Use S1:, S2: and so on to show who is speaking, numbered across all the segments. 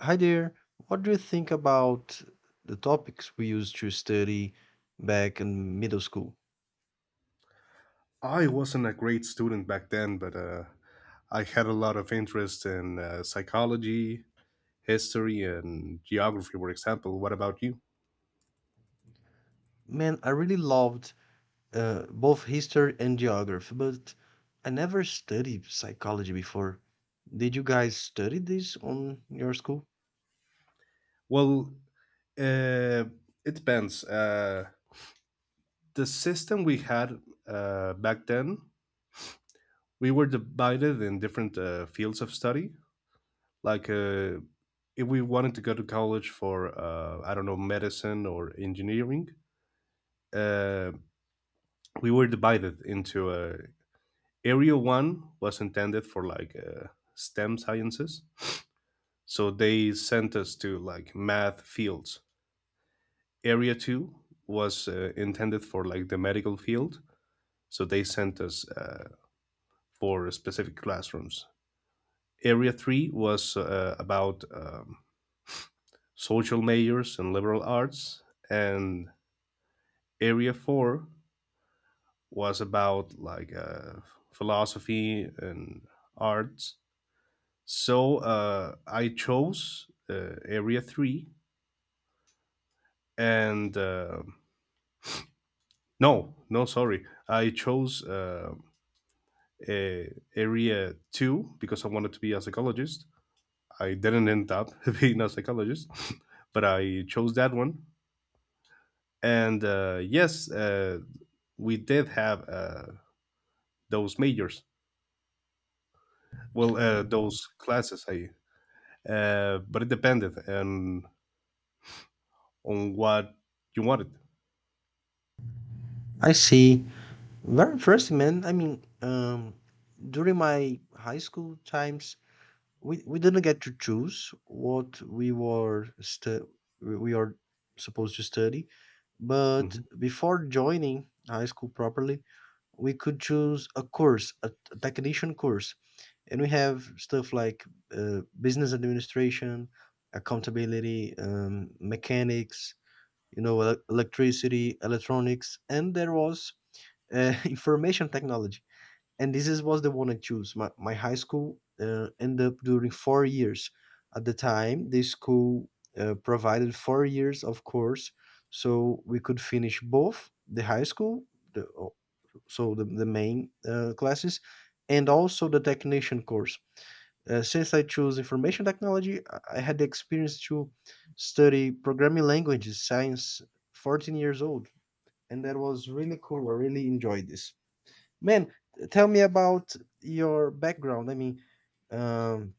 S1: Hi there. What do you think about the topics we used to study back in middle school?
S2: I wasn't a great student back then, but I had a lot of interest in psychology, history, and geography, for example. What about you?
S1: Man, I really loved both history and geography, but I never studied psychology before. Did you guys study this on your school?
S2: Well, uh, it depends. The system we had back then, we were divided in different fields of study. Like, if we wanted to go to college for, I don't know, medicine or engineering, uh, we were divided into Area One was intended for like STEM sciences, so they sent us to like math fields. Area Two was intended for like the medical field, so they sent us for specific classrooms. Area Three was about social majors and liberal arts, and Area Four was about like philosophy and arts. So I chose Area 3 and no, no, sorry. I chose Area 2 because I wanted to be a psychologist. I didn't end up being a psychologist, but I chose that one. And yes, we did have those majors. Well, those classes, but it depended on what you wanted.
S1: I see. Very interesting, man. During my high school times, we didn't get to choose what we are supposed to study, but
S2: Mhm.
S1: before joining high school properly, we could choose a course, a technician course, and we have stuff like business administration, accountability, mechanics, you know, electricity, electronics, and there was information technology, and was the one I chose. My high school ended up during 4 years. At the time, the school provided 4 years of course, so we could finish both the high school, the, o- so the main classes, and also the technician course. Since I chose information technology, I had the experience to study programming languages, science, 14 years old, and that was really cool. I really enjoyed this. Man, tell me about your background. Um,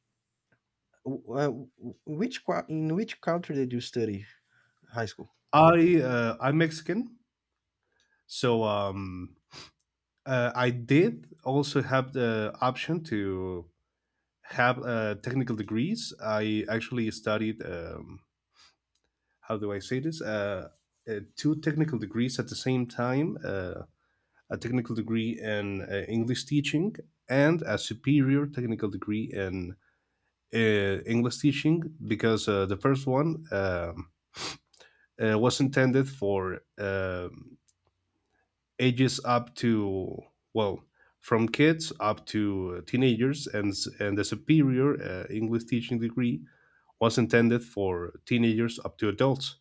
S1: w- uh, w- in which country did you study high school?
S2: I'm Mexican, so I did also have the option to have technical degrees. I actually studied, how do I say this? Two technical degrees at the same time, a technical degree in English teaching, and a superior technical degree in uh, English teaching because the first one was intended for ages up to, well, from kids up to teenagers, and the superior English teaching degree was intended for teenagers up to adults.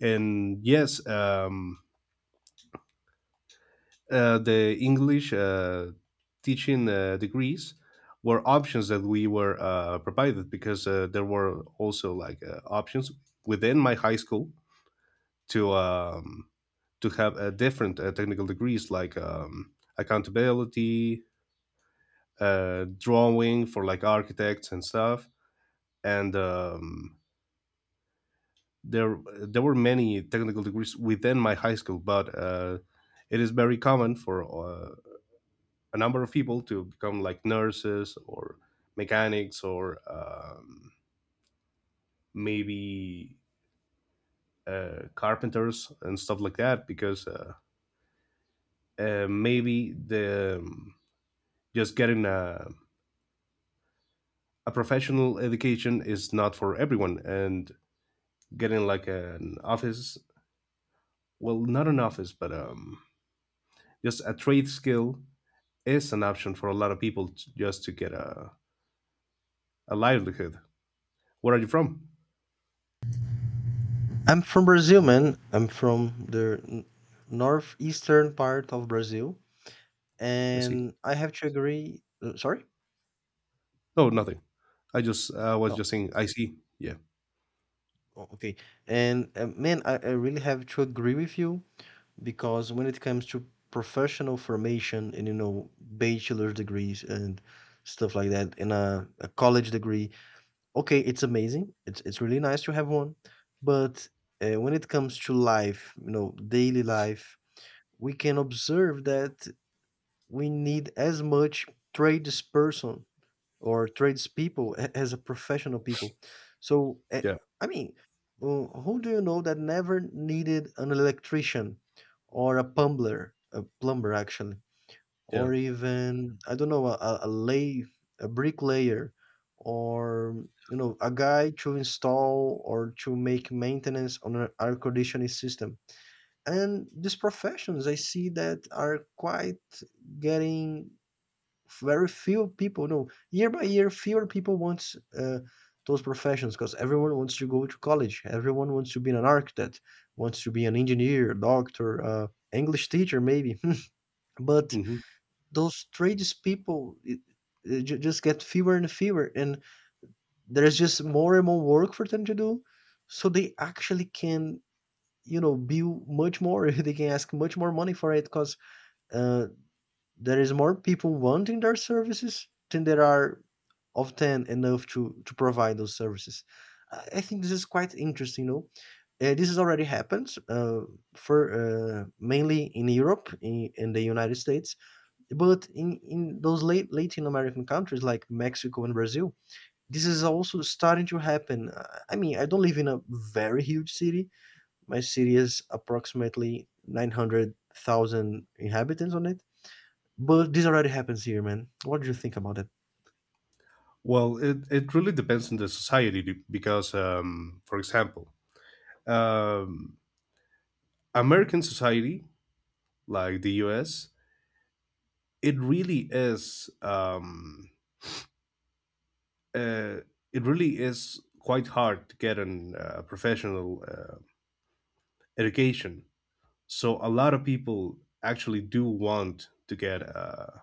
S2: And yes, the English teaching degrees were options that we were provided because there were also like options within my high school to have different technical degrees like accountability, drawing for like architects and stuff. And there were many technical degrees within my high school, but it is very common for a number of people to become like nurses or mechanics or maybe carpenters and stuff like that because maybe the just getting a professional education is not for everyone, and getting like an office, well, not an office, but just a trade skill is an option for a lot of people just to get a livelihood. Where are you from?
S1: I'm from Brazil, man. I'm from the northeastern part of Brazil,
S2: I see.
S1: and I have to agree. Sorry?
S2: Oh, nothing. I was
S1: No.
S2: just saying. I see. Yeah,
S1: Oh, okay. And man, I really have to agree with you because when it comes to professional formation and, you know, bachelor's degrees and stuff like that, and a college degree. Okay, it's amazing. It's really nice to have one, but when it comes to life, you know, daily life, we can observe that we need as much tradesperson or tradespeople as a professional people. So,
S2: yeah,
S1: I mean, who do you know that never needed an electrician or a plumber actually?
S2: yeah.
S1: Or even, I don't know, a lay, a bricklayer, or, you know, a guy to install or to make maintenance on an air conditioning system. And these professions, I see that are quite getting very few people. No, year by year, fewer people wants those professions because everyone wants to go to college. Everyone wants to be an architect, wants to be an engineer, doctor, English teacher, maybe. But
S2: hmm
S1: those tradespeople, just get fewer and fewer, and there's just more and more work for them to do. So they actually can, you know, bill much more. They can ask much more money for it because uh, there is more people wanting their services than there are of ten enough to provide those services. I think this is quite interesting, you know. This has already happened for mainly in Europe, in the United States, but in those late Latin American countries like Mexico and Brazil, this is also starting to happen. I mean, I don't live in a very huge city. My city is approximately 900,000 inhabitants on it. But this already happens here, man. What do you think about it?
S2: Well, it really depends on the society, because, for example, um, American society, like the U.S. It really is. Uh, it really is quite hard to get an professional. Education. So a lot of people actually do want to get a,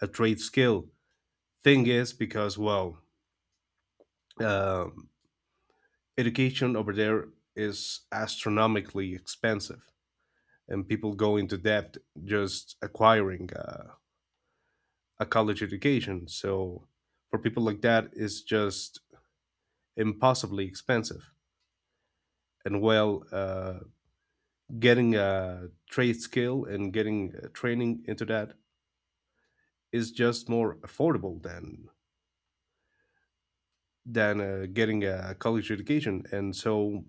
S2: a trade skill. Thing is, because, well, um, education over there is astronomically expensive, and people go into debt just acquiring a college education. So for people like that, it's just impossibly expensive. And, well, getting a trade skill and getting training into that is just more affordable than getting a college education. And so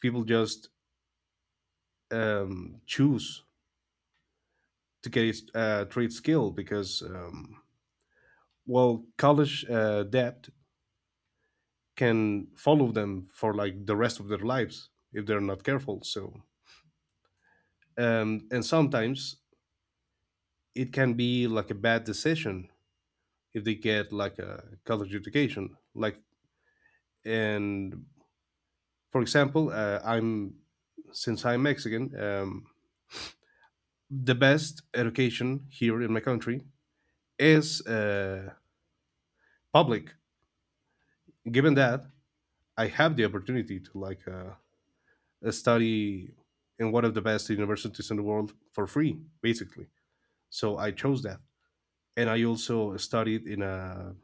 S2: people just choose to get a trade skill because, well, college debt can follow them for like the rest of their lives if they're not careful. So, and sometimes it can be like a bad decision if they get like a college education. Like, and, for example, I'm since I'm Mexican, the best education here in my country is public. Given that I have the opportunity to like study in one of the best universities in the world for free, basically. So I chose that, and I also studied in a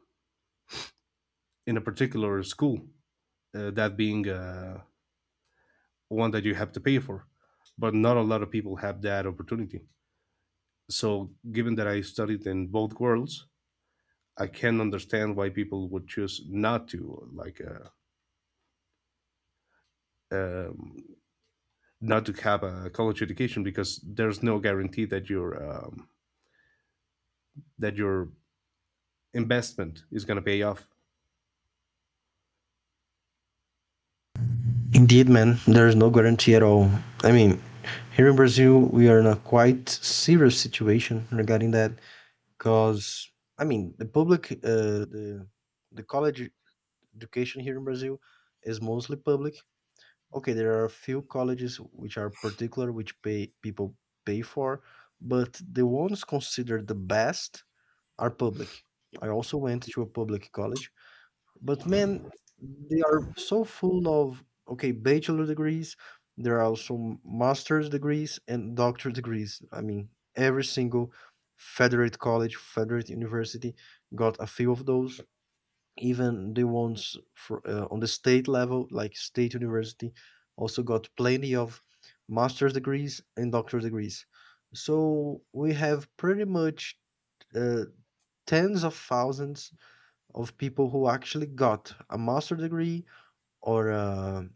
S2: in a particular school, that being one that you have to pay for, but not a lot of people have that opportunity. So given that I studied in both worlds, I can understand why people would choose not to like. Um, not to have a college education because there's no guarantee that your investment is going to pay off.
S1: Indeed, man, there is no guarantee at all. I mean, here in Brazil, we are in a quite serious situation regarding that because, I mean, the college education here in Brazil is mostly public. Okay, there are a few colleges which are particular, which pay people pay for, but the ones considered the best are public. I also went to a public college, but man, they are so full of, okay, bachelor degrees. There are also master's degrees and doctor degrees. I mean, every single federate college, federate university got a few of those, even the ones fro on the state level, like state university, also got plenty of master's degrees and doctor's degrees. So we have pretty much uh, tens of thousands of people who actually got a master's degree or a,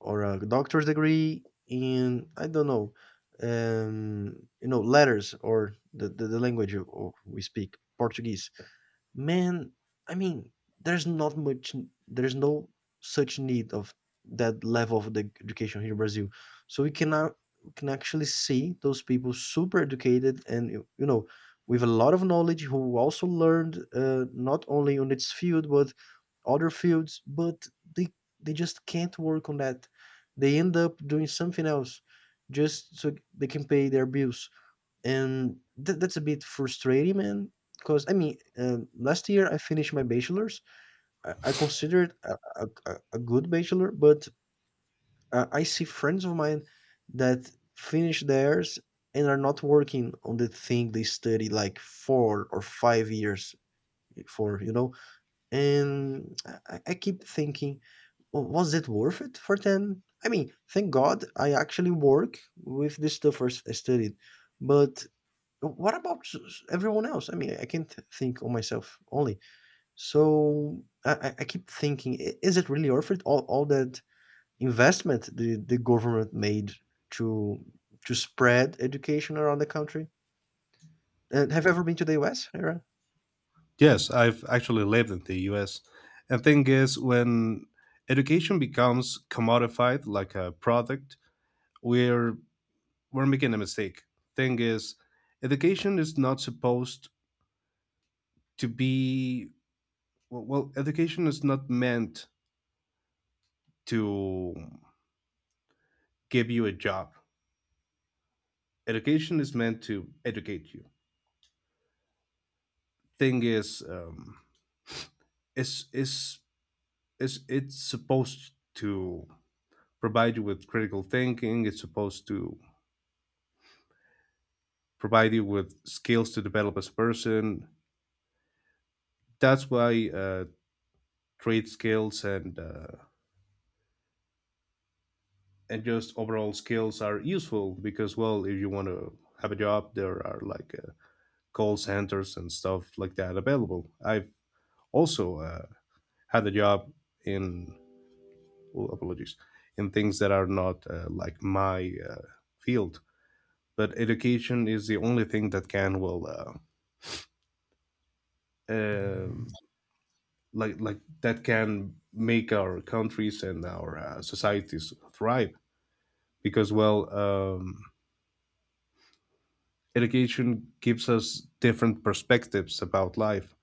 S1: or a doctor's degree in, I don't know, you know, letters or the language we speak, Portuguese. Man, I mean, there's not much, there's no such need of that level of the education here in Brazil. So we cannot we can actually see those people super educated, and you know, with a lot of knowledge, who also learned not only on its field but other fields, but they they just can't work on that. They end up doing something else just so they can pay their bills. And that's a bit frustrating, man. Because I mean, last year I finished my bachelor's. I consider a a good bachelor, but I see friends of mine that finish theirs and are not working on the thing they study, like, 4 or 5 years for, you know? And I keep thinking, "W Was it worth it for them?" I mean, thank God I actually work with the stuff I studied, but what about everyone else? I mean, I can't think on myself only. So I keep thinking, is it really worth it? All that investment the government made to to spread education around the country? And have you ever been to the US, Ira?
S2: Yes, I've actually lived in the U.S. And thing is, when education becomes commodified like a product, we're we're making a mistake. Thing is, education is not supposed to be well. Well, Education is not meant to give you a job. Education is meant to educate you. Thing is, it's, it's, it's supposed to provide you with critical thinking. It's supposed to provide you with skills to develop as a person. That's why trade skills and just overall skills are useful because, well, if you want to have a job, there are like call centers and stuff like that available. I've also had a job in oh, apologies, in things that are not like my field. But education is the only thing that can will um like that can make our countries and our societies thrive, because, well, education gives us different perspectives about life.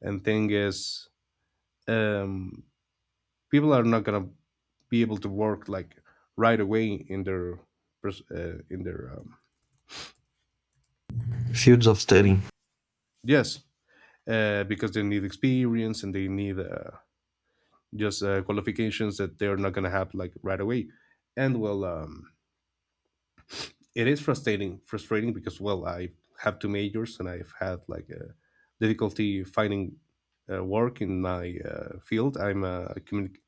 S2: And thing is, um, people are not gonna be able to work like right away in their pers- uh, in their um,
S1: Fields of study.
S2: yes, because they need experience and they need just qualifications that they're not going to have like right away. And, well, it is frustrating because, well, I have two majors and I've had like a difficulty finding work in my field.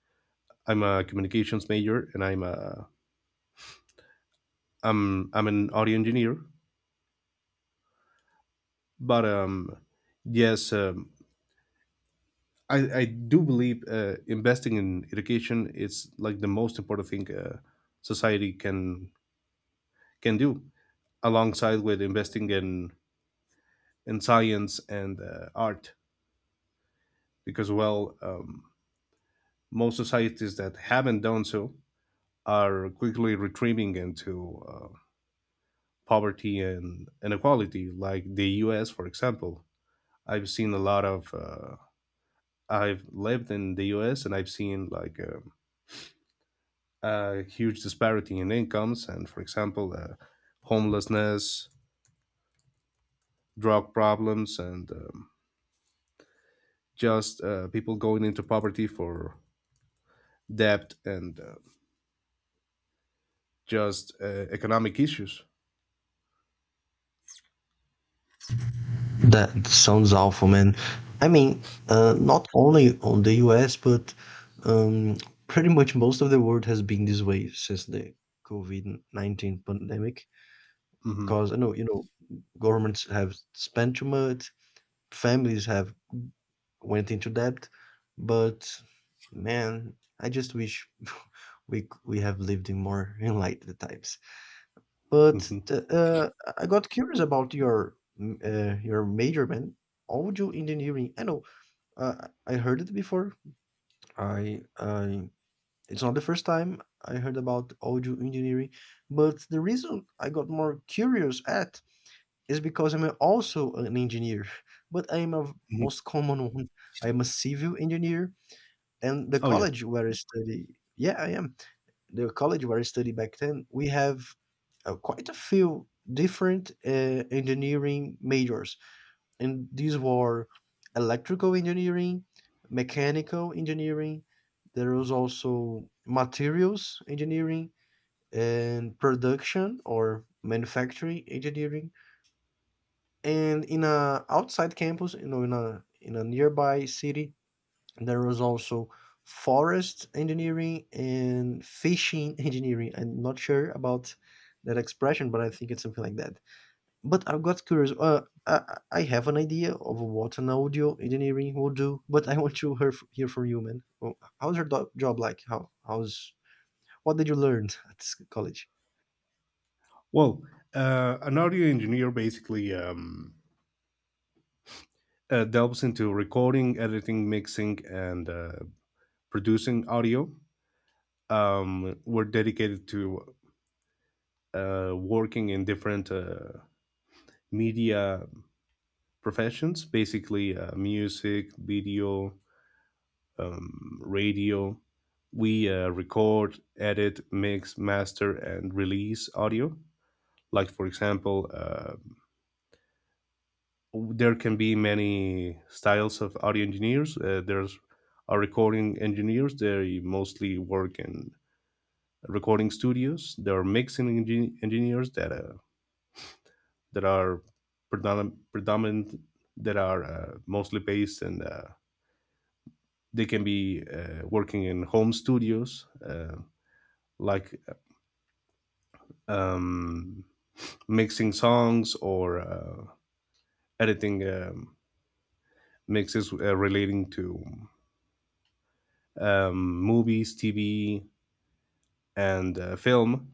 S2: I'm a communications major, and I'm a I'm I'm an audio engineer. But, yes, I do believe investing in education is like the most important thing society can do, alongside with investing in science and art, because, well, most societies that haven't done so are quickly retreating into poverty and inequality, like the us, for example. I've seen a lot of I've lived in the us, and I've seen like a huge disparity in incomes, and, for example, homelessness, drug problems, and just people going into poverty for debt, and just economic issues.
S1: That sounds awful, man. I mean, not only on the US, but um, pretty much most of the world has been this way since the COVID-19 pandemic.
S2: Hmm.
S1: Because I know, you know, governments have spent too much, families have went into debt, but man, I just wish we have lived in more enlightened times. But
S2: Hmm.
S1: I got curious about your your major, man, audio engineering. I know. I heard it before. I it's not the first time I heard about audio engineering, but the reason I got more curious at is because I'm also an engineer, but I am a
S2: Hmm.
S1: most common one. I am a civil engineer, and the
S2: Oh, yeah.
S1: college where I study, yeah, I am. The college where I study back then, we have quite a few different engineering majors, and these were electrical engineering, mechanical engineering. There was also materials engineering and production or manufacturing engineering. And in a outside campus, you know, in a nearby city, there was also forest engineering and fishing engineering. I'm not sure about that expression, but I think it's something like that. But I got curious. I have an idea of what an audio engineering will do, but I want to hear from you, man. Well, how's your job like? How how's what did you learn at college?
S2: Well, an audio engineer basically delves into recording, editing, mixing, and producing audio. We're dedicated to working in different media professions, basically music, video, radio. We record, edit, mix, master, and release audio, like, for example, there can be many styles of audio engineers. There's our recording engineers. They mostly work in recording studios. There are mixing engineers that are predominant, that are mostly based, and they can be working in home studios, like um, mixing songs or editing mixes relating to movies, TV, and film.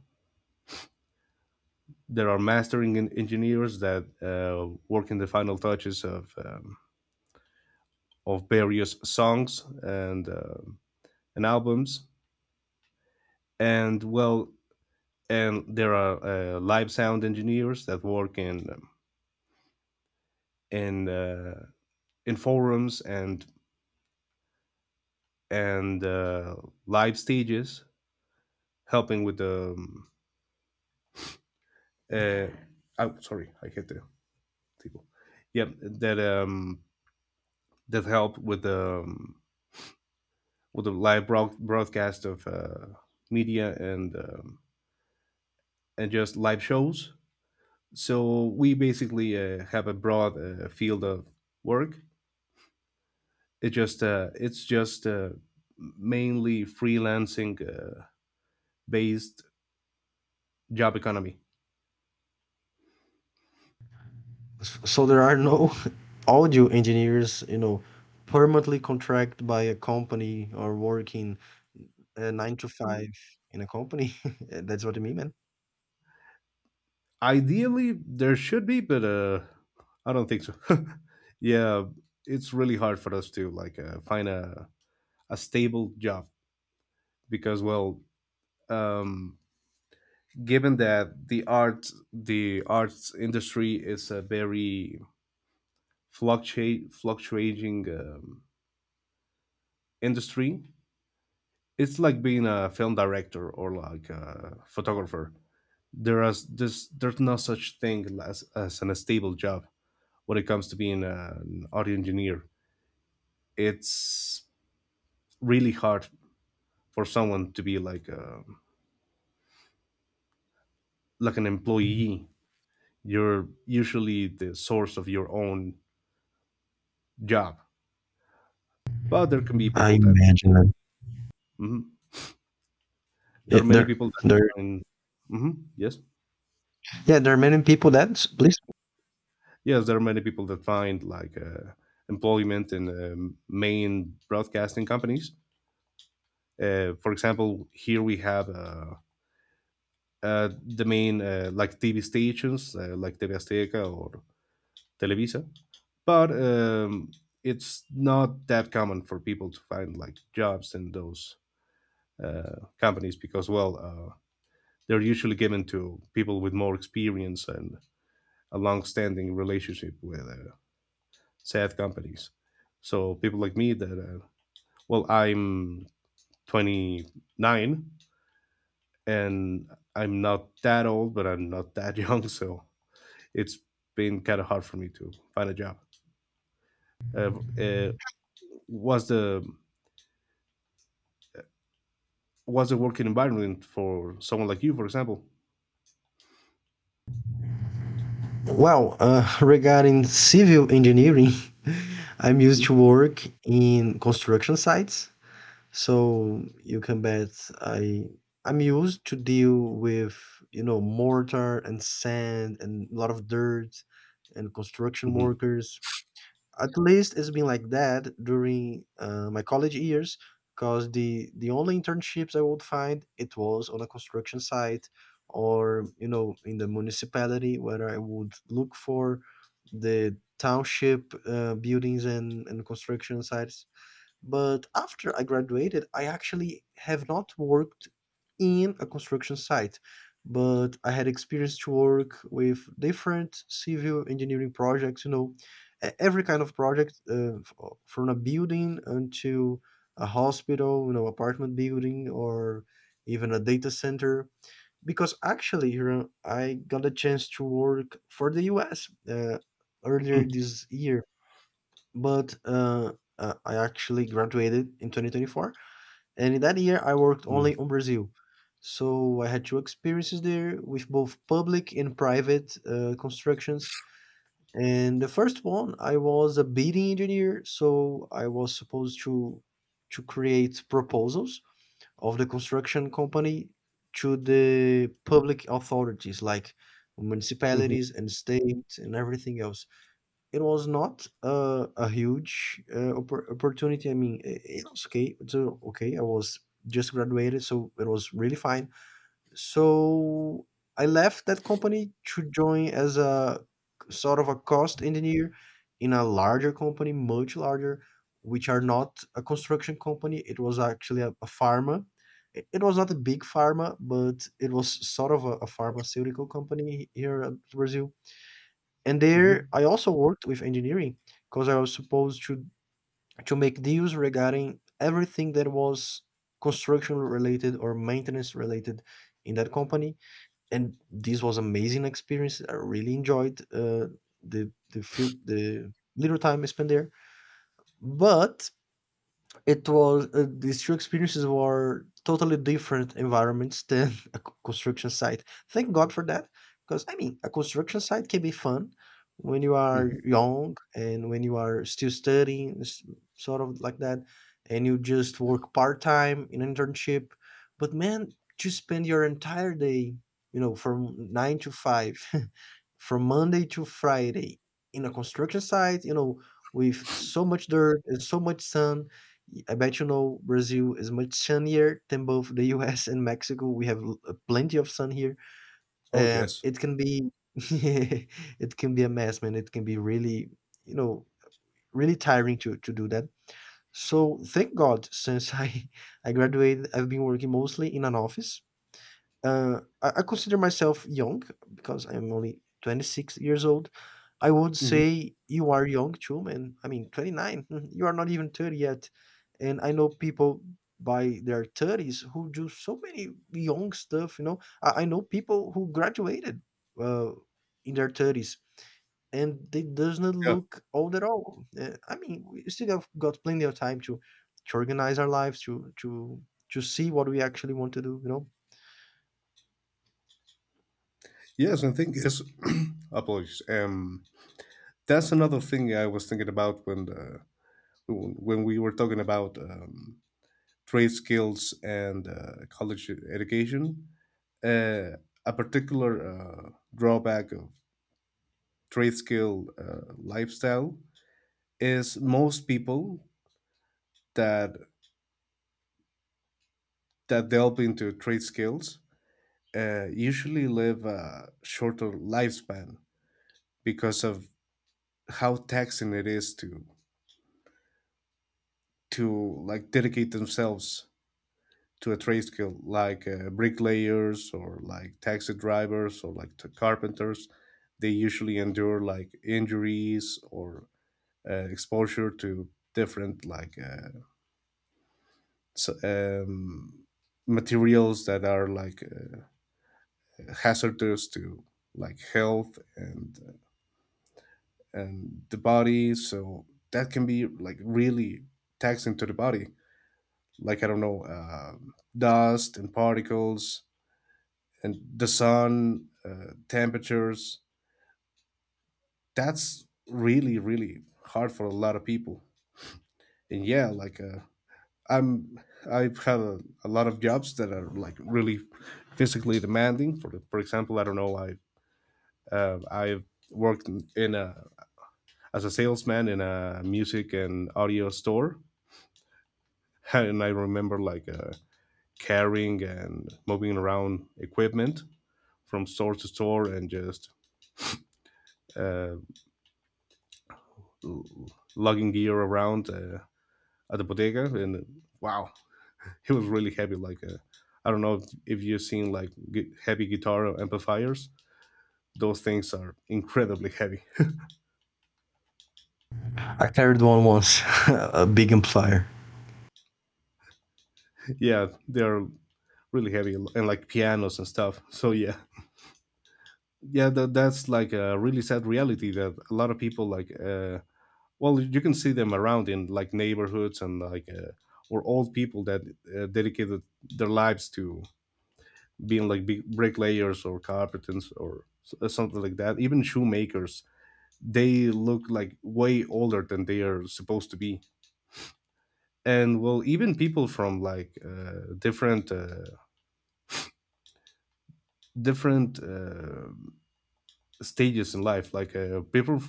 S2: There are mastering engineers that work in the final touches of various songs and and albums. And, well, and there are live sound engineers that work in uh, in forums and live stages, helping with the. Uh, oh, sorry, I hit the table. Yep, that help with the live broadcast of media and and just live shows. So we basically have a broad field of work. It's just mainly freelancing based job economy.
S1: So there are no audio engineers, you know, permanently contracted by a company or working nine to five in a company. That's what I mean, man.
S2: Ideally, there should be, but I don't think so. Yeah, it's really hard for us to like find a stable job because, well, um given that the arts industry is a very fluctuate fluctuating industry. It's like being a film director or like a photographer. There is this There's no such thing as an stable job when it comes to being an audio engineer. It's really hard for someone to be like an employee. You're usually the source of your own job, but there can be
S1: I
S2: people that.
S1: imagine that.
S2: Mhm. There
S1: Yeah,
S2: are many
S1: there,
S2: people that
S1: there.
S2: find. Yes,
S1: Yeah, there are many people that. Please.
S2: yes. There are many people that find like employment in main broadcasting companies. For example, here we have the main like TV stations, like TV Azteca or Televisa. But, it's not that common for people to find like jobs in those companies because, well, they're usually given to people with more experience and a long-standing relationship with SaaS companies. So people like me that, well, I'm 29, and I'm not that old, but I'm not that young. So it's been kind of hard for me to find a job. Uh, uh, was the working environment for someone like you, for example?
S1: Well, regarding civil engineering, I'm used
S2: Mhm.
S1: to work in construction sites, so you can bet I I'm used to deal with, you know, mortar and sand and a lot of dirt and construction
S2: Mhm.
S1: workers. At least it's been like that during my college years, because the only internships I would find, it was on a construction site, or, you know, in the municipality where I would look for the township buildings and construction sites, but after I graduated, I actually have not worked in a construction site, but I had experience to work with different civil engineering projects, you know, every kind of project, from a building until a hospital, you know, apartment building, or even a data center. Because actually, you know, I got a chance to work for the US earlier this year, but, I actually graduated in 2024, and in that year I worked
S2: Mhm.
S1: only on Brazil. So I had two experiences there with both public and private constructions. And the first one, I was a bidding engineer, so I was supposed to create proposals of the construction company to the public authorities, like
S2: Mhm.
S1: municipalities and states and everything else. It was not a huge opportunity. I mean, it was okay. It's okay. I was just graduated, so it was really fine. So I left that company to join as a sort of a cost engineer in a larger company, much larger, which are not a construction company. It was actually a pharma. It was not a big pharma, but it was sort of a pharmaceutical company here at Brazil, and there
S2: Mhm.
S1: I also worked with engineering because I was supposed to make deals regarding everything that was construction related or maintenance related in that company. And this was amazing experience. I really enjoyed the little time I spent there. But it was these two experiences were totally different environments than a construction site. Thank God for that, because I mean, a construction site can be fun when you are
S2: Mhm.
S1: young and when you are still studying, sort of like that, and you just work part time in internship. But man, to spend your entire day, you know, from nine to five, from Monday to Friday in a construction site, you know, with so much dirt and so much sun, I bet you know Brazil is much sunnier than both the US and Mexico. We have plenty of sun here.
S2: Oh, yes.
S1: It can be it can be a mess, man. It can be really, you know, really tiring to do that. So thank God, since I I graduated, I've been working mostly in an office. I consider myself young because I'm only 26 years old. I would
S2: Mhm.
S1: say you are young too, man. I mean, 29, you are not even 30 yet. And I know people by their 30s who do so many young stuff, you know. I know people who graduated uh, in their 30s, and they does not
S2: Yeah.
S1: look old at all. I mean, we still have got plenty of time to organize our lives, to see what we actually want to do. You know.
S2: Yes, I think yes. Apologies. That's another thing I was thinking about when when we were talking about trade skills and college education. uh, a particular drawback of trade skill lifestyle is most people that that delve into trade skills usually live a shorter lifespan because of how taxing it is to like dedicate themselves to a trade skill, like bricklayers or like taxi drivers or like carpenters. They usually endure like injuries or exposure to different, like s- um, materials that are like hazardous to like health and the body, so that can be like really taxing to the body, like I don't know, dust and particles and the sun, temperatures. That's really really hard for a lot of people. And yeah, like I'm, I've had a lot of jobs that are like really physically demanding. For for example, I don't know, I worked in a as a salesman in a music and audio store, and I remember like carrying and moving around equipment from store to store, and just uh, lugging gear around at the bodega, and wow, he was really happy. Like I don't know if you've seen like heavy guitar amplifiers; those things are incredibly heavy.
S1: I carried one once, a big amplifier.
S2: Yeah, they're really heavy, and like pianos and stuff. So yeah, yeah, that's like a really sad reality that a lot of people like. Well, you can see them around in like neighborhoods and like. Or old people that dedicated their lives to being like big bricklayers or carpenters or something like that. Even shoemakers, they look like way older than they are supposed to be. And, well, even people from like different stages in life, like people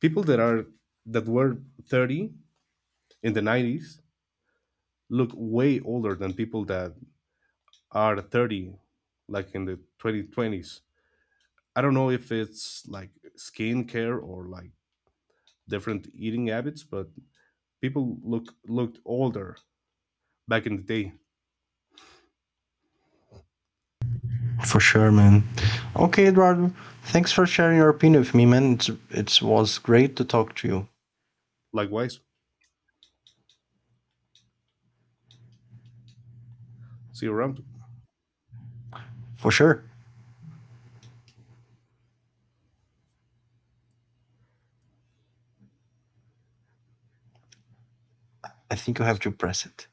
S2: people that were 30 in the 90s, look way older than people that are 30, like in the 2020s. I don't know if it's like skincare or like different eating habits, but people look looked older back in the day.
S1: For sure, man. Okay, Eduardo. Thanks for sharing your opinion with me, man. It was great to talk to you.
S2: Likewise, see you around.
S1: For sure. I think you have to press it.